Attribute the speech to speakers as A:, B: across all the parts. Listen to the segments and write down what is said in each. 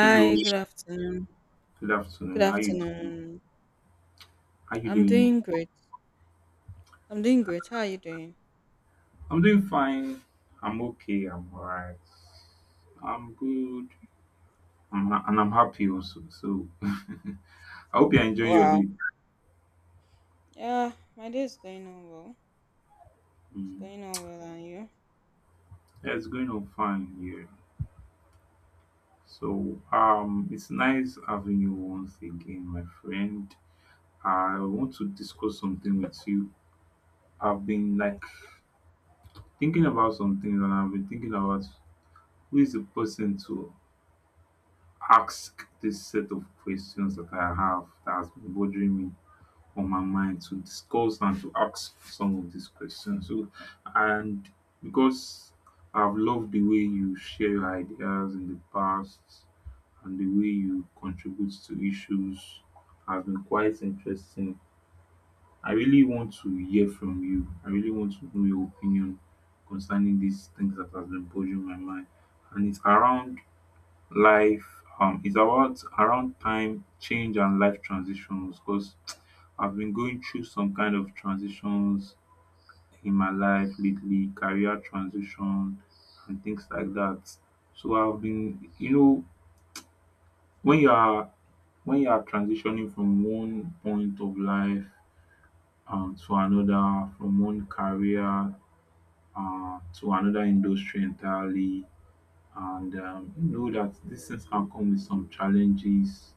A: Hello,
B: good afternoon.
A: good
B: Good
A: afternoon. How you doing?
B: afternoon.
A: How you
B: I'm
A: doing?
B: doing great. I'm doing great. How are you doing?
A: I'm doing fine. I'm okay. I'm alright. I'm good. And I'm happy also. So I hope you're enjoying your
B: Wow.
A: day.
B: Yeah, my day is going on well. It's
A: Mm.
B: going on well, and you?
A: Yeah, it's going on fine here. So it's nice having you once again, my friend. I want to discuss something with you. I've been like
B: Okay.
A: thinking about some things, and I've been thinking about who is the person to ask this set of questions that I have that has been bothering me on my mind to discuss and to ask some of these questions. So, and because I've loved the way you share your ideas in the past, and the way you contribute to issues has been quite interesting. I really want to hear from you. I really want to know your opinion concerning these things that have been bothering my mind. And it's around Life is about around time, change, and life transitions, because I've been going through some kind of transitions in my life lately, career transition, and things like that. So I've been, you know, when you are when you are transitioning from one point of life to another, from one career to another industry entirely, and you know that these things can come with some challenges,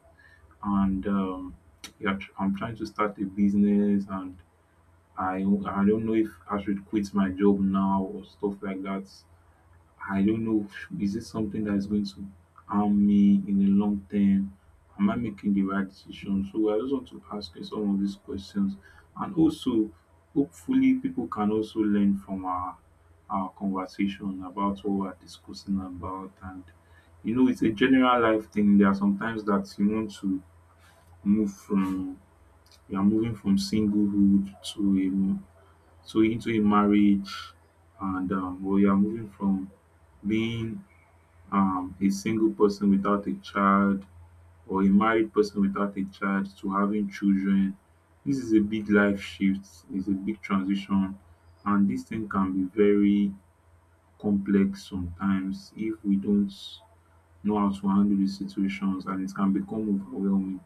A: and yeah, I'm trying to start a business, and I don't know if I should quit my job now or stuff like that. I don't know. Is it something that is going to harm me in the long term? Am I making the right decision? So I just want to ask you some of these questions, and also hopefully people can also learn from our conversation about what we're discussing about. And you know, it's a general life thing. There are sometimes that you want to move from you are moving from singlehood to a to into a marriage, and or you are moving from being a single person without a child, or a married person without a child, to having children. This is a big life shift, it's a big transition, and this thing can be very complex sometimes if we don't know how to handle these situations, and it can become overwhelming.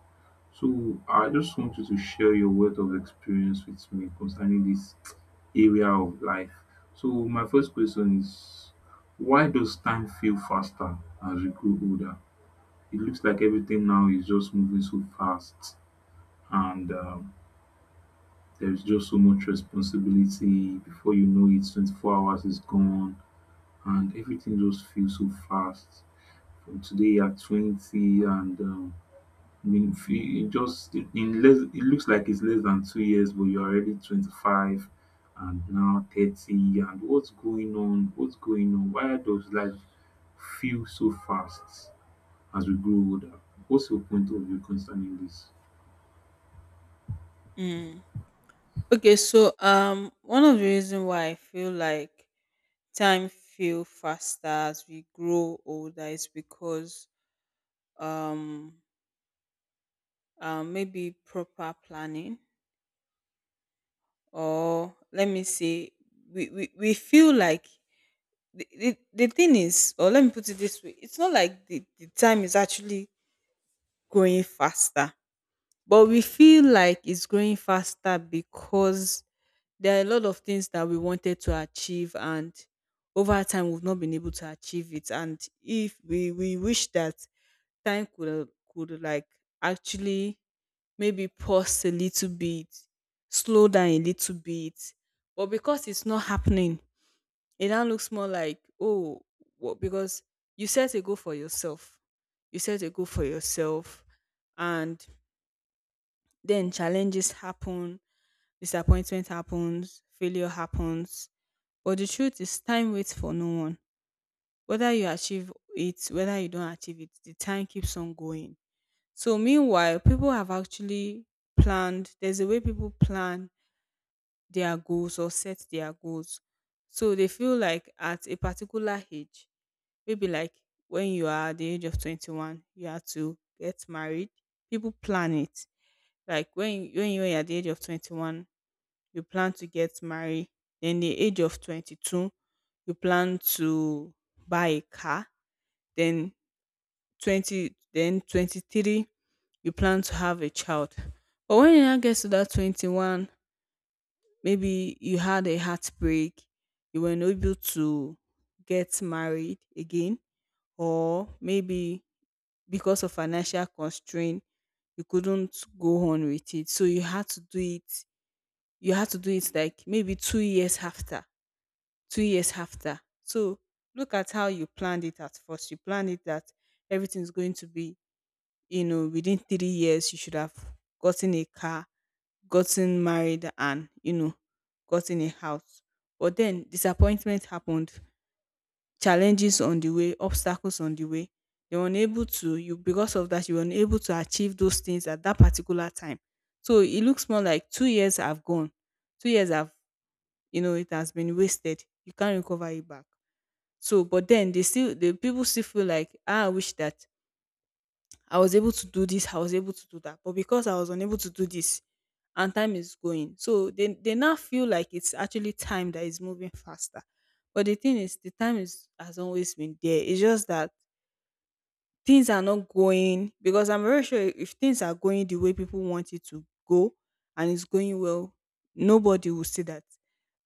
A: So I just want you to share your wealth of experience with me concerning this area of life. So my first question is, why does time feel faster as we grow older? It looks like everything now is just moving so fast, and there's just so much responsibility. Before you know it, 24 hours is gone and everything just feels so fast. From today you're 20, and in few in just in less, it looks like it's less than two years, but you're already 25 and now 30. And what's going on? Why does life feel so fast as we grow older? What's your point of view concerning this?
B: Mm. Okay, so one of the reasons why I feel like time feel faster as we grow older is because um, maybe proper planning, or let me say, we feel like the thing is, or let me put it this way, it's not like the time is actually going faster, but we feel like it's going faster because there are a lot of things that we wanted to achieve, and over time we've not been able to achieve it. And if we wish that time could actually maybe pause a little bit, slow down a little bit, but because it's not happening, it now looks more like, oh, what? Because you set a goal for yourself, you set a goal for yourself and then challenges happen, disappointment happens, failure happens, but the truth is time waits for no one. Whether you achieve it, whether you don't achieve it, the time keeps on going. So meanwhile, people have actually planned. There's a way people plan their goals or set their goals, so they feel like at a particular age. Maybe like when you are at the age of 21, you have to get married. People plan it. Like when you're at the age of 21, you plan to get married. Then the age of 22, you plan to buy a car. Then 20, then 23, you plan to have a child. But when you now get to that 21, maybe you had a heartbreak, you were not able to get married again, or maybe because of financial constraint you couldn't go on with it, so you had to do it you had to do it like maybe 2 years after so look at how you planned it. At first you planned it that everything's going to be, you know, within 3 years you should have gotten a car, gotten married, and, you know, gotten a house. But then disappointment happened, challenges on the way, obstacles on the way. They were unable to you Because of that you were unable to achieve those things at that particular time. So it looks more like 2 years have gone. Two years have you know, it has been wasted. You can't recover it back. So but then the people still feel like, ah, I wish that I was able to do this, I was able to do that. But because I was unable to do this and time is going. So they now feel like it's actually time that is moving faster. But the thing is the time is has always been there. It's just that things are not going, because I'm very sure if things are going the way people want it to go and it's going well, nobody will say that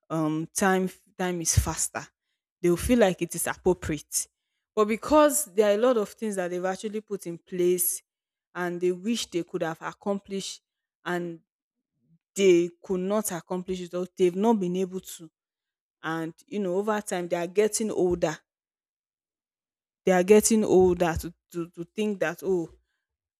B: um time time is faster. They will feel like it is appropriate. But because there are a lot of things that they've actually put in place and they wish they could have accomplished, and they could not accomplish it, or they've not been able to, and you know, over time they are getting older. They are getting older to think that, oh,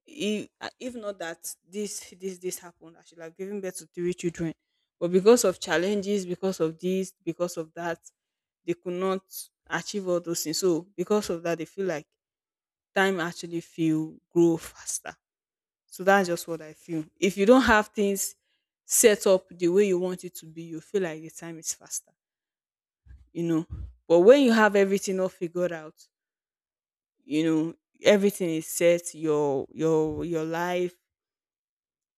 B: if not that this happened, I should have given birth to three children. But because of challenges, because of this, because of that, they could not achieve all those things. So because of that they feel like time actually feel grow faster. So that's just what I feel. If you don't have things set up the way you want it to be, you feel like the time is faster, you know. But when you have everything all figured out, you know, everything is set, your life,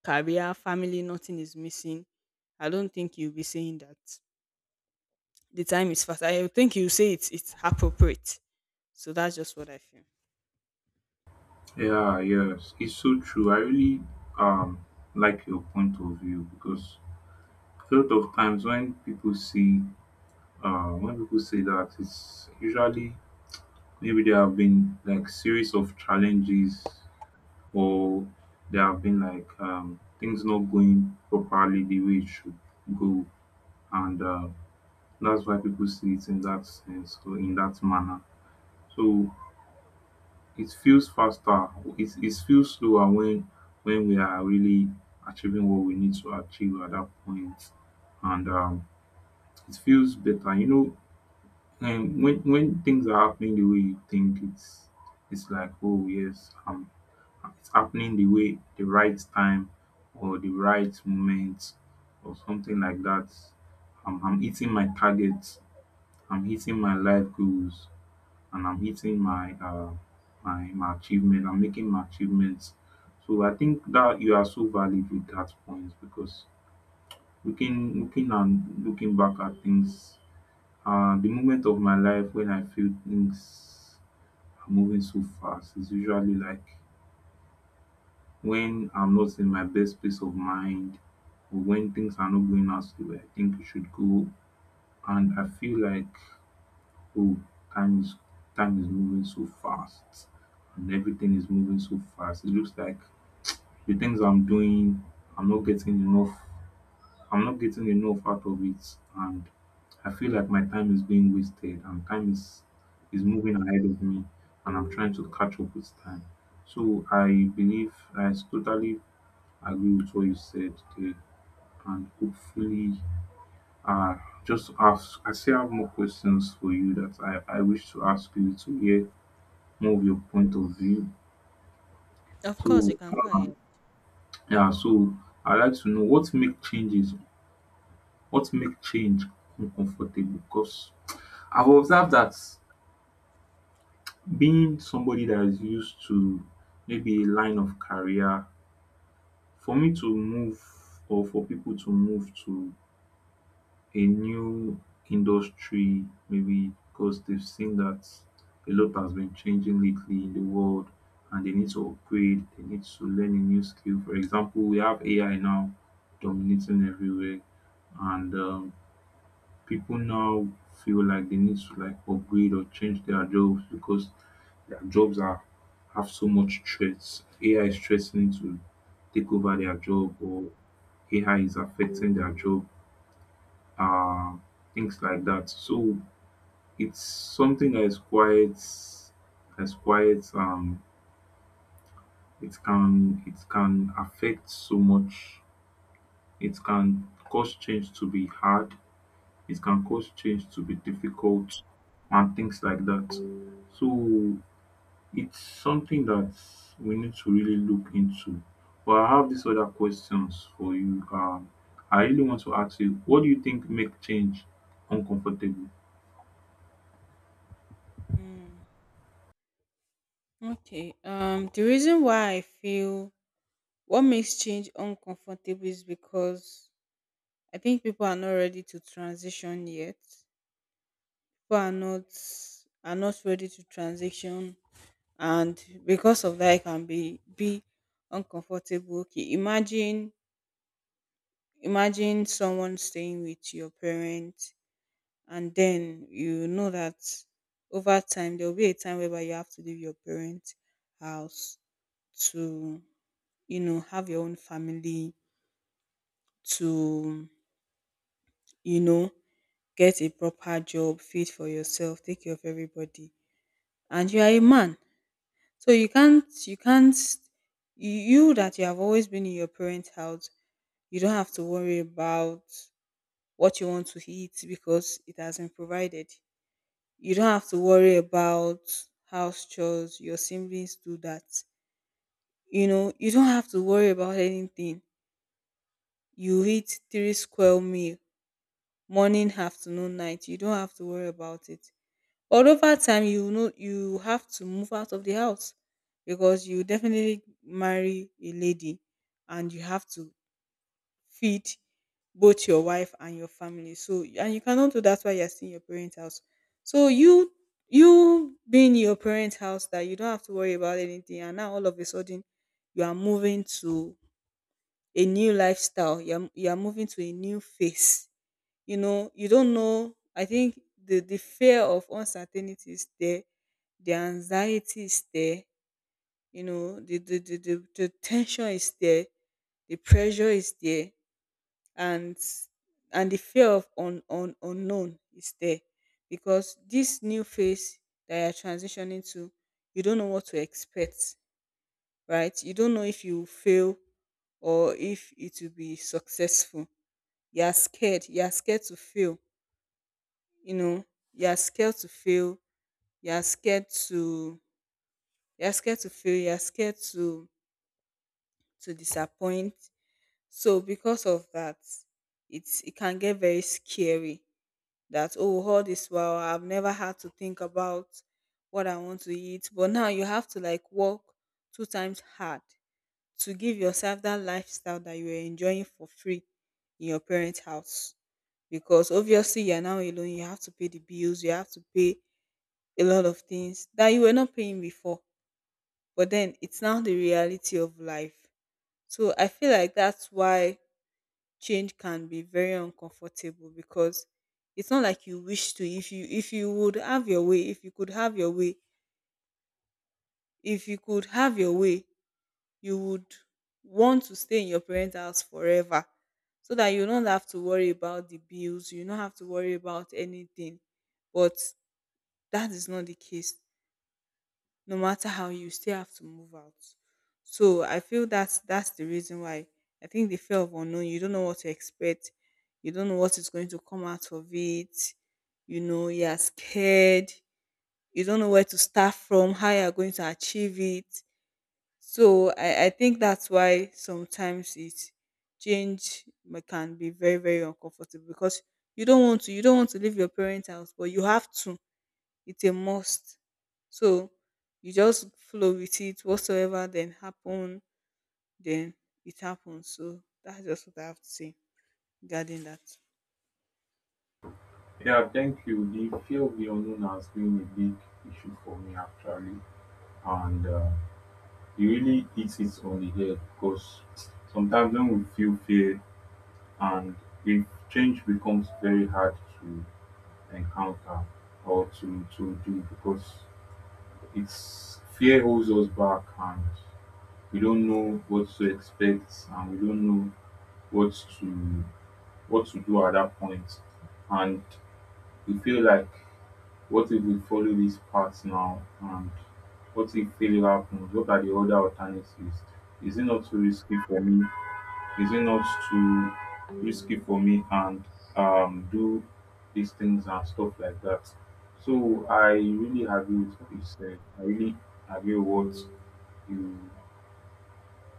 B: career, family, nothing is missing. I don't think you'll be saying that. The time is fast. I think you say it's appropriate. So that's just what I feel.
A: Yeah, yes, it's so true. I really um like your point of view because a lot of times when people see when people say that, it's usually maybe there have been like series of challenges, or there have been like things not going properly the way it should go, and that's why people see it in that sense or in that manner. So it feels faster. It feels slower when we are really achieving what we need to achieve at that point, and it feels better. You know, when things are happening the way you think, it's like oh yes, it's happening the way, the right time or the right moment or something like that. I'm hitting my targets. I'm hitting my life goals, and I'm hitting my my achievement. I'm making my achievements. So I think that you are so valid with that point, because looking back at things, the moment of my life when I feel things are moving so fast is usually like when I'm not in my best peace of mind, or when things are not going as the way I think it should go, and I feel like, oh, time is time is moving so fast and everything is moving so fast. It looks like the things I'm doing, I'm not getting enough I'm not getting enough out of it, and I feel like my time is being wasted and time is moving ahead of me, and I'm trying to catch up with time. So I believe I totally agree with what you said there, and hopefully, uh, I still have more questions for you that I wish to ask you to hear more of your point of view.
B: Of course, you
A: So,
B: can go
A: um,
B: ahead.
A: yeah, so I'd like to know what make change uncomfortable? Because I've observed that being somebody that is used to maybe a line of career, for me to move for people to move to a new industry, maybe because they've seen that a lot has been changing lately in the world and they need to upgrade, they need to learn a new skill. For example, we have AI now dominating everywhere, and people now feel like they need to like upgrade or change their jobs because their jobs are have so much threats. AI is threatening to take over their job, or AI is affecting their job, uh, things like that. So it's something that is quite that's quite it can affect so much. It can cause change to be hard. It can cause change to be difficult, and things like that. So it's something that we need to really look into. But I have these other questions for you. I really want to ask you, what do you think make change uncomfortable?
B: Mm, okay. The reason why I feel what makes change uncomfortable is because I think people are not ready to transition yet. People are not Are not ready to transition, and because of that, it can be uncomfortable. Imagine someone staying with your parents, and then you know that over time there will be a time whereby you have to leave your parents' house to, you know, have your own family, to, you know, get a proper job fit for yourself, take care of everybody. And you are a man, so you can't you, that you have always been in your parents house, you don't have to worry about what you want to eat because it has been provided. You don't have to worry about house chores, your siblings do that. You know, you don't have to worry about anything. You eat three square meal, morning, afternoon, night. You don't have to worry about it. But over time you know you have to move out of the house because you definitely marry a lady and you have to feed both your wife and your family. So and you cannot do that while you're still in your parents' house. So you being in your parents' house that you don't have to worry about anything, and now all of a sudden you are moving to a new lifestyle. You're moving to a new phase. You know, you don't know. I think the fear of uncertainty is there, the anxiety is there. You know, the tension is there, the pressure is there, and and the fear of unknown is there, because this new phase that you're transitioning to, you don't know what to expect, right? You don't know if you will fail or if it will be successful. You're scared to fail, you know, you're scared to fail you're scared to you're scared to fail, you're scared to disappoint. So because of that, it's, it can get very scary. That, oh, all this while I've never had to think about what I want to eat. But now you have to like work two times hard to give yourself that lifestyle that you were enjoying for free in your parents' house. Because obviously you're now alone, you have to pay the bills, you have to pay a lot of things that you were not paying before. But then it's now the reality of life. So I feel like that's why change can be very uncomfortable because it's not like you wish to, if you would have your way if you could have your way if you could have your way you would want to stay in your parents house forever, so that you don't have to worry about the bills, you don't have to worry about anything. But that is not the case, no matter how. You still have to move out. So I feel that's the reason why. I think the fear of unknown, you don't know what to expect, you don't know what is going to come out of it, you know, you're scared, you don't know where to start from, how you're going to achieve it. So I think that's why sometimes it, can be very very uncomfortable because you don't want to leave your parents house, but you have to. It's a must. So you just flow with it. Whatsoever then happen, then it happens. So that's just what I have to say regarding that.
A: Yeah, thank you. The field we unknown has been a big issue for me actually, and it really hits it on the head because sometimes when we feel fear, and if change becomes very hard to encounter or to do, because it's fear holds us back, and we don't know what to expect, and we don't know what to what to do at that point. And we feel like, what if we follow this path now, and what if failure happens? What are the other alternatives? Is it not too risky for me? Is it not too risky for me and do these things and stuff like that? So I really agree with what you said. I really agree with what you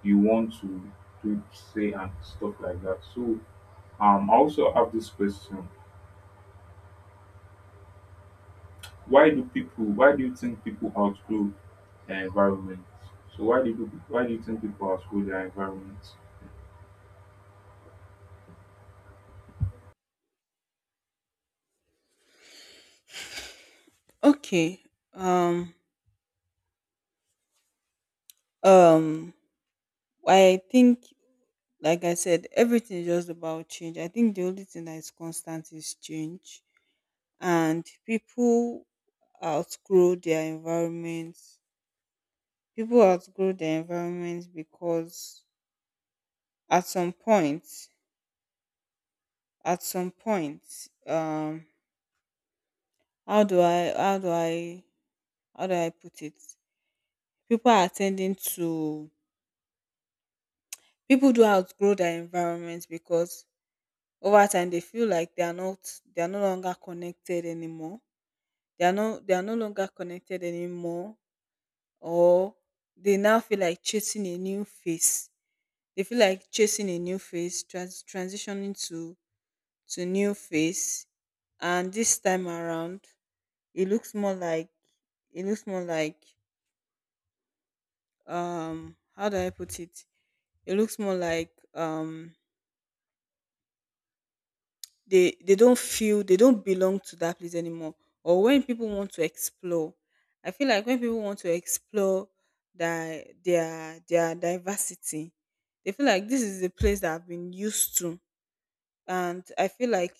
A: you want to do say and stuff like that. So I also have this question. Why do you think people outgrow their environment? So why do you think people outgrow their environment?
B: Okay. Um. Um. I think, like I said, everything is just about change. I think the only thing that is constant is change, and people outgrow their environment. People outgrow their environment because at some point, at some point, um, how do I how do I put it? People are tending to, people do outgrow their environment because over time they feel like they are no longer connected anymore. They are no longer connected anymore, or they now feel like chasing a new face. They feel like chasing a new face, transitioning to new face, and this time around it looks more like, it looks more like how do I put it? It looks more like, they don't feel they don't belong to that place anymore. Or when people want to explore, I feel like when people want to explore their diversity, they feel like this is the place that I've been used to, and I feel like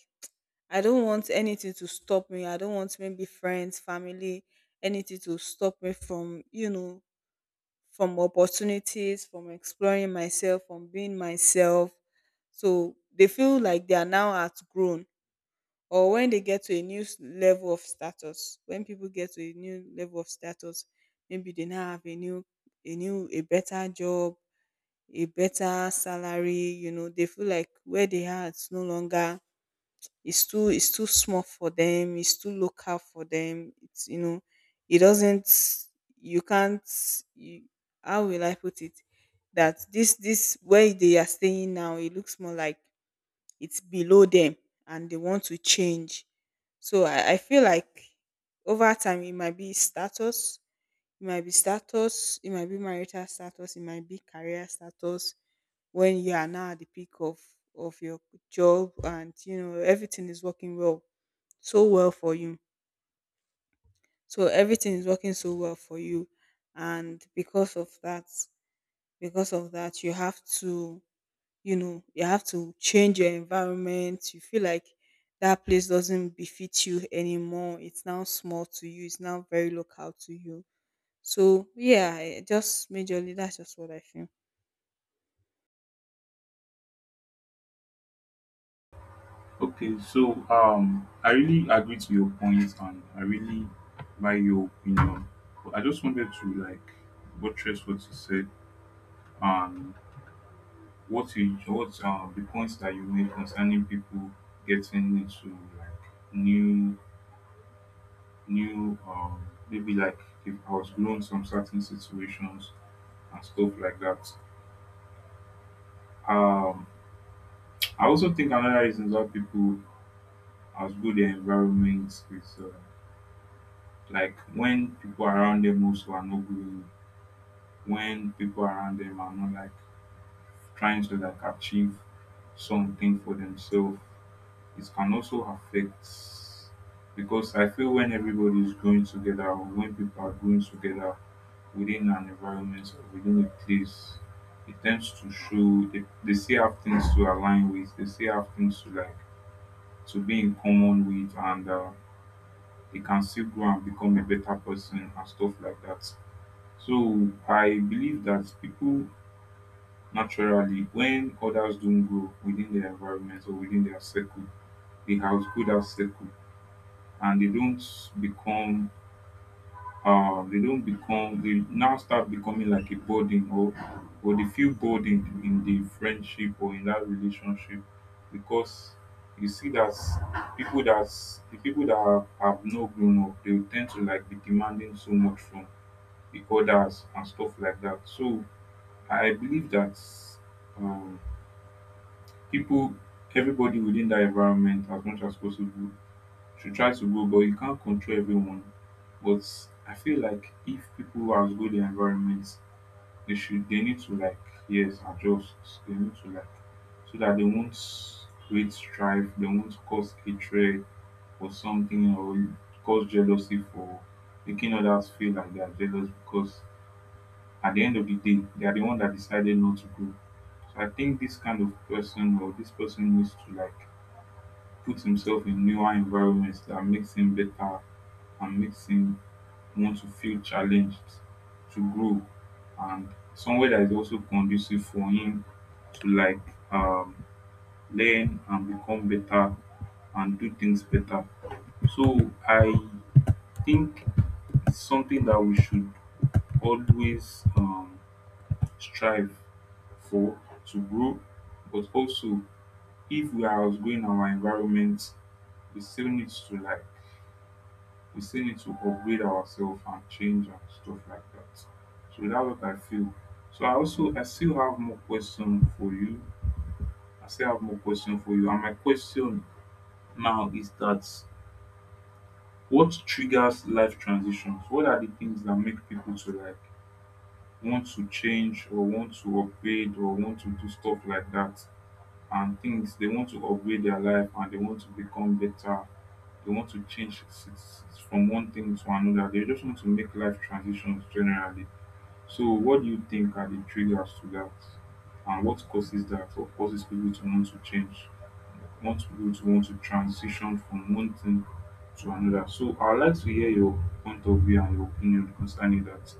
B: I don't want anything to stop me. I don't want maybe friends, family, anything to stop me from, from opportunities, from exploring myself, from being myself. So they feel like they are now outgrown. Or when they get to a level of status, when people get to a new level of status, maybe they now have a new, a better job, a better salary. You know, they feel like where they are, it's no longer. It's too it's too small for them. It's too local for them. It's you know, it doesn't. You can't. You, How will I put it? That this where they are staying now, it looks more like it's below them and they want to change. So I feel like over time it might be status, it might be status, it might be marital status, it might be career status when you are now at the peak of your job, and you know everything is working so well for you. So everything is working so well for you. And because of that, you have to, you know, you have to change your environment. You feel like that place doesn't befit you anymore. It's now small to you, it's now very local to you. So yeah, just majorly that's just what I feel.
A: Okay, so I really agree to your point, and I really value your opinion. But I just wanted to like buttress what you said, and what you what the points that you made concerning people getting into like new maybe like they've outgrown some certain situations and stuff like that. Um, I also think another reason why people outgrow their environment is like when people around them also are not growing, when people around them are not like trying to like achieve something for themselves, it can also affect. Because I feel when everybody is growing together, or when people are growing together within an environment or within a place, it tends to show they still have things to align with, they still have things to like to be in common with, and they can still grow and become a better person and stuff like that. So I believe that people naturally, when others don't grow within their environment or within their circle, they outgrow that circle, and they don't become they now start becoming like a burden, or they feel burdened in the friendship or in that relationship, because you see that people that's the people that have not grown up, they will tend to like be demanding so much from the others and stuff like that. So I believe that um people everybody within that environment as much as possible should try to go, but you can't control everyone. But I feel like if people who outgrow their environment, they need to like yes adjust, they need to like so that they won't create strife, they won't cause hatred or something, or cause jealousy for making others feel like they are jealous, because at the end of the day they are the one that decided not to go. So I think this kind of person or this person needs to like put himself in newer environments that makes him better and makes him want to feel challenged to grow, and somewhere that is also conducive for him to um, learn and become better and do things better. So I think it's something that we should always strive for, to grow, but also if we are outgrowing our environment, we still need to we still need to upgrade ourselves and change and stuff like that. So that's what I feel. I still have more question for you. I still have more question for you. And my question now is that, what triggers life transitions? What are the things that make people to like want to change or want to upgrade or want to do stuff like that? And things, they want to upgrade their life and they want to become better, they want to change from one thing to another, they just want to make life transitions generally. So what do you think are the triggers to that, and what causes that, or causes people to want to change, want to transition from one thing to another? So I'd like to hear your point of view and your opinion concerning that.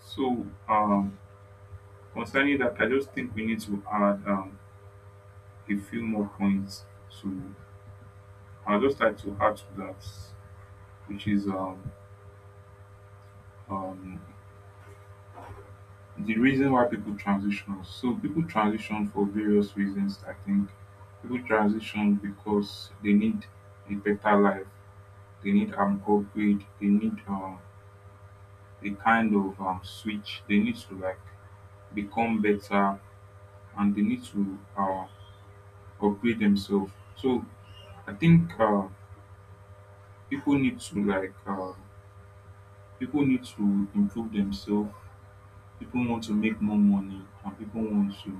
A: So concerning that, I just think we need to add a few more points to, I'd just like to add to that, which is um, the reason why people transition. So people transition for various reasons. I think people transition because they need a better life. They need an upgrade. They need a kind of switch. They need to like become better, and they need to upgrade themselves. So I think people need to people need to improve themselves, people want to make more money, and people want to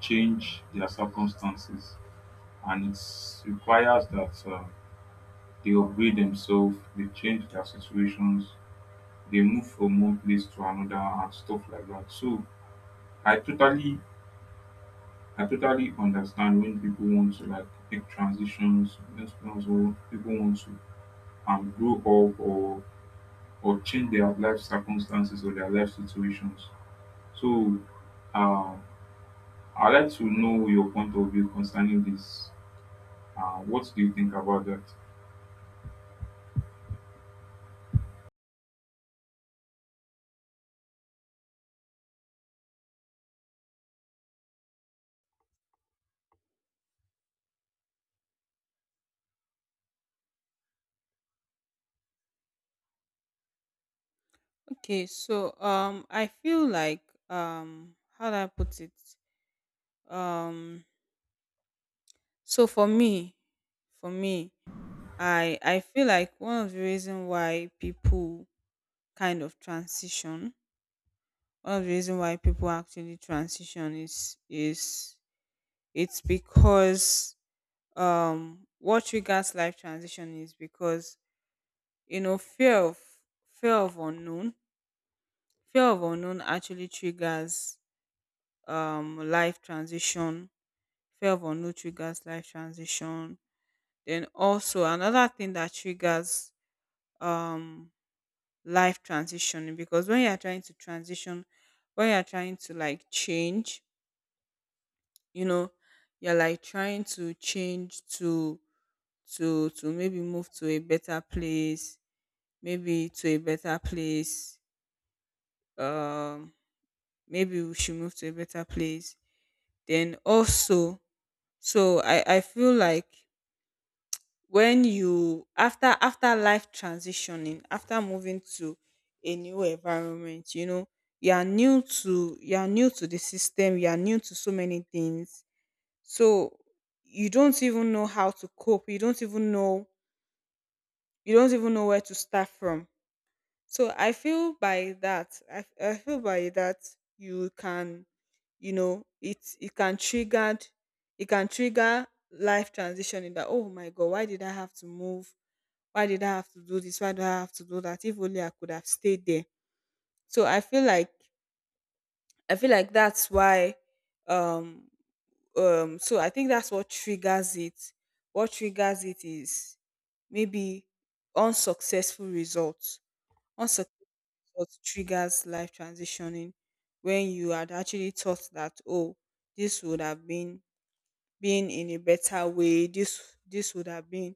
A: change their circumstances, and it requires that they upgrade themselves, they change their situations, they move from one place to another and stuff like that. So i totally I totally understand when people want to like make transitions, when people want to grow up, or change their life circumstances or their life situations. So uh, I'd like to know your point of view concerning this. What do you think about that?
B: Okay, so I feel like, how do I put it, um so for me, for me, I feel like one of the reason why people kind of transition, one of the reason why people actually transition is it's because, what triggers life transition is because, you know, fear of unknown. Fear of unknown actually triggers life transition. Fear of unknown triggers life transition. Then also another thing that triggers, um life transition, because when you are trying to transition, when you are trying to like change, you know, you're like trying to change to maybe move to a better place, maybe to a better place um maybe we should move to a better place. Then also, so I feel like when you after life transitioning, after moving to a new environment, you know, you are new to the system, you are new to so many things. So you don't even know how to cope. You don't even know where to start from. So I feel by that, I feel by that, you can, you know, it can trigger, it can trigger life transition in that, oh my god, why did I have to move? Why did I have to do this? Why do I have to do that? If only I could have stayed there. So I feel like, that's why, um so I think that's what triggers it. What triggers it is maybe unsuccessful results. Unsuccessful results triggers life transitioning. When you had actually thought that, oh, this would have been in a better way, this would have been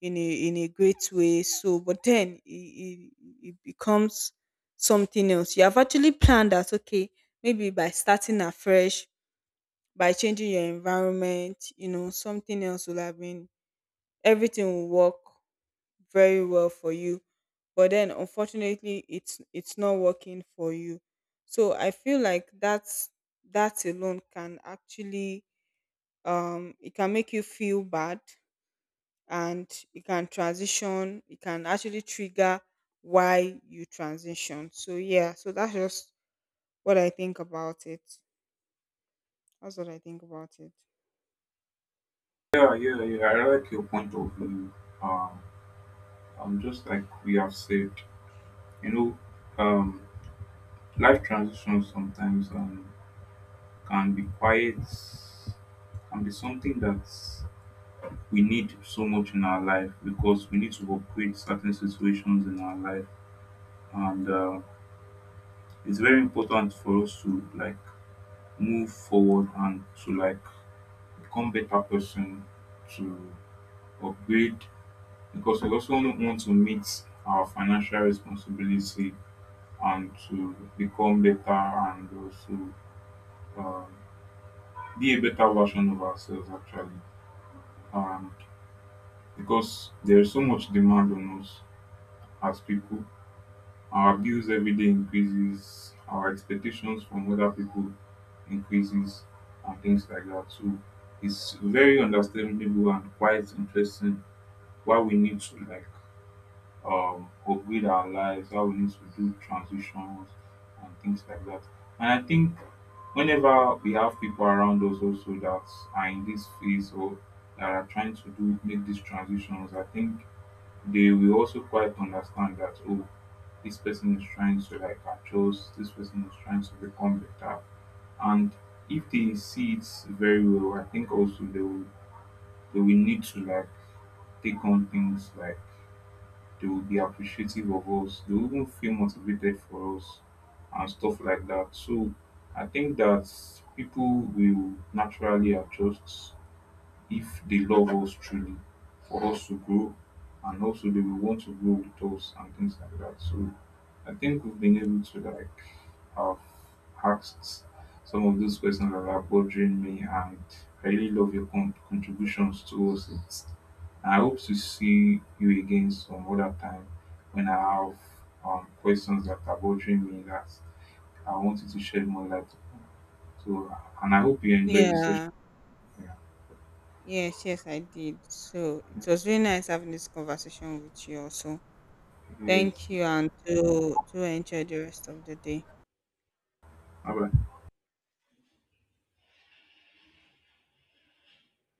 B: in a great way, so, but then it becomes something else. You have actually planned that, okay, maybe by starting afresh, by changing your environment, you know, something else will have been, everything will work very well for you. But then unfortunately it's not working for you. So I feel like that's, that alone can actually, it can make you feel bad. And it can transition, it can actually trigger why you transition. So yeah, so that's just what I think about it. That's what I think about it.
A: Yeah, yeah, yeah. I like your point of view. Um, just like we have said, you know, um, life transitions sometimes can be quite, can be something that we need so much in our life, because we need to upgrade certain situations in our life, and it's very important for us to like move forward and to like become better person, to upgrade, because we also want to meet our financial responsibility and to become better, and also um, be a better version of ourselves actually. And because there is so much demand on us as people, our bills every day increases, our expectations from other people increases, and things like that. So it's very understandable and quite interesting why we need to upgrade our lives, how we need to do transitions and things like that. And I think whenever we have people around us also that are in this phase, or that are trying to do make these transitions, I think they will also quite understand that, oh, this person is trying to like adjust, this person is trying to become better. And if they see it very well, I think also they will, they will need to like take on things like, they will be appreciative of us. They will even feel motivated for us and stuff like that. So I think that people will naturally adjust, if they love us truly, for us to grow, and also they will want to grow with us and things like that. So I think we've been able to like have asked some of those questions that are bothering me, and I really love your contributions towards it. I hope to see you again some other time when I have questions that are bothering me that I wanted to shed more light upon. So, and I hope you enjoy this session.
B: Yeah.
A: Yeah.
B: Yes, yes, I did. So it
A: Yeah.
B: was really nice having this conversation with you also.
A: Yes.
B: Thank you, and do enjoy the rest of the day.
A: Aber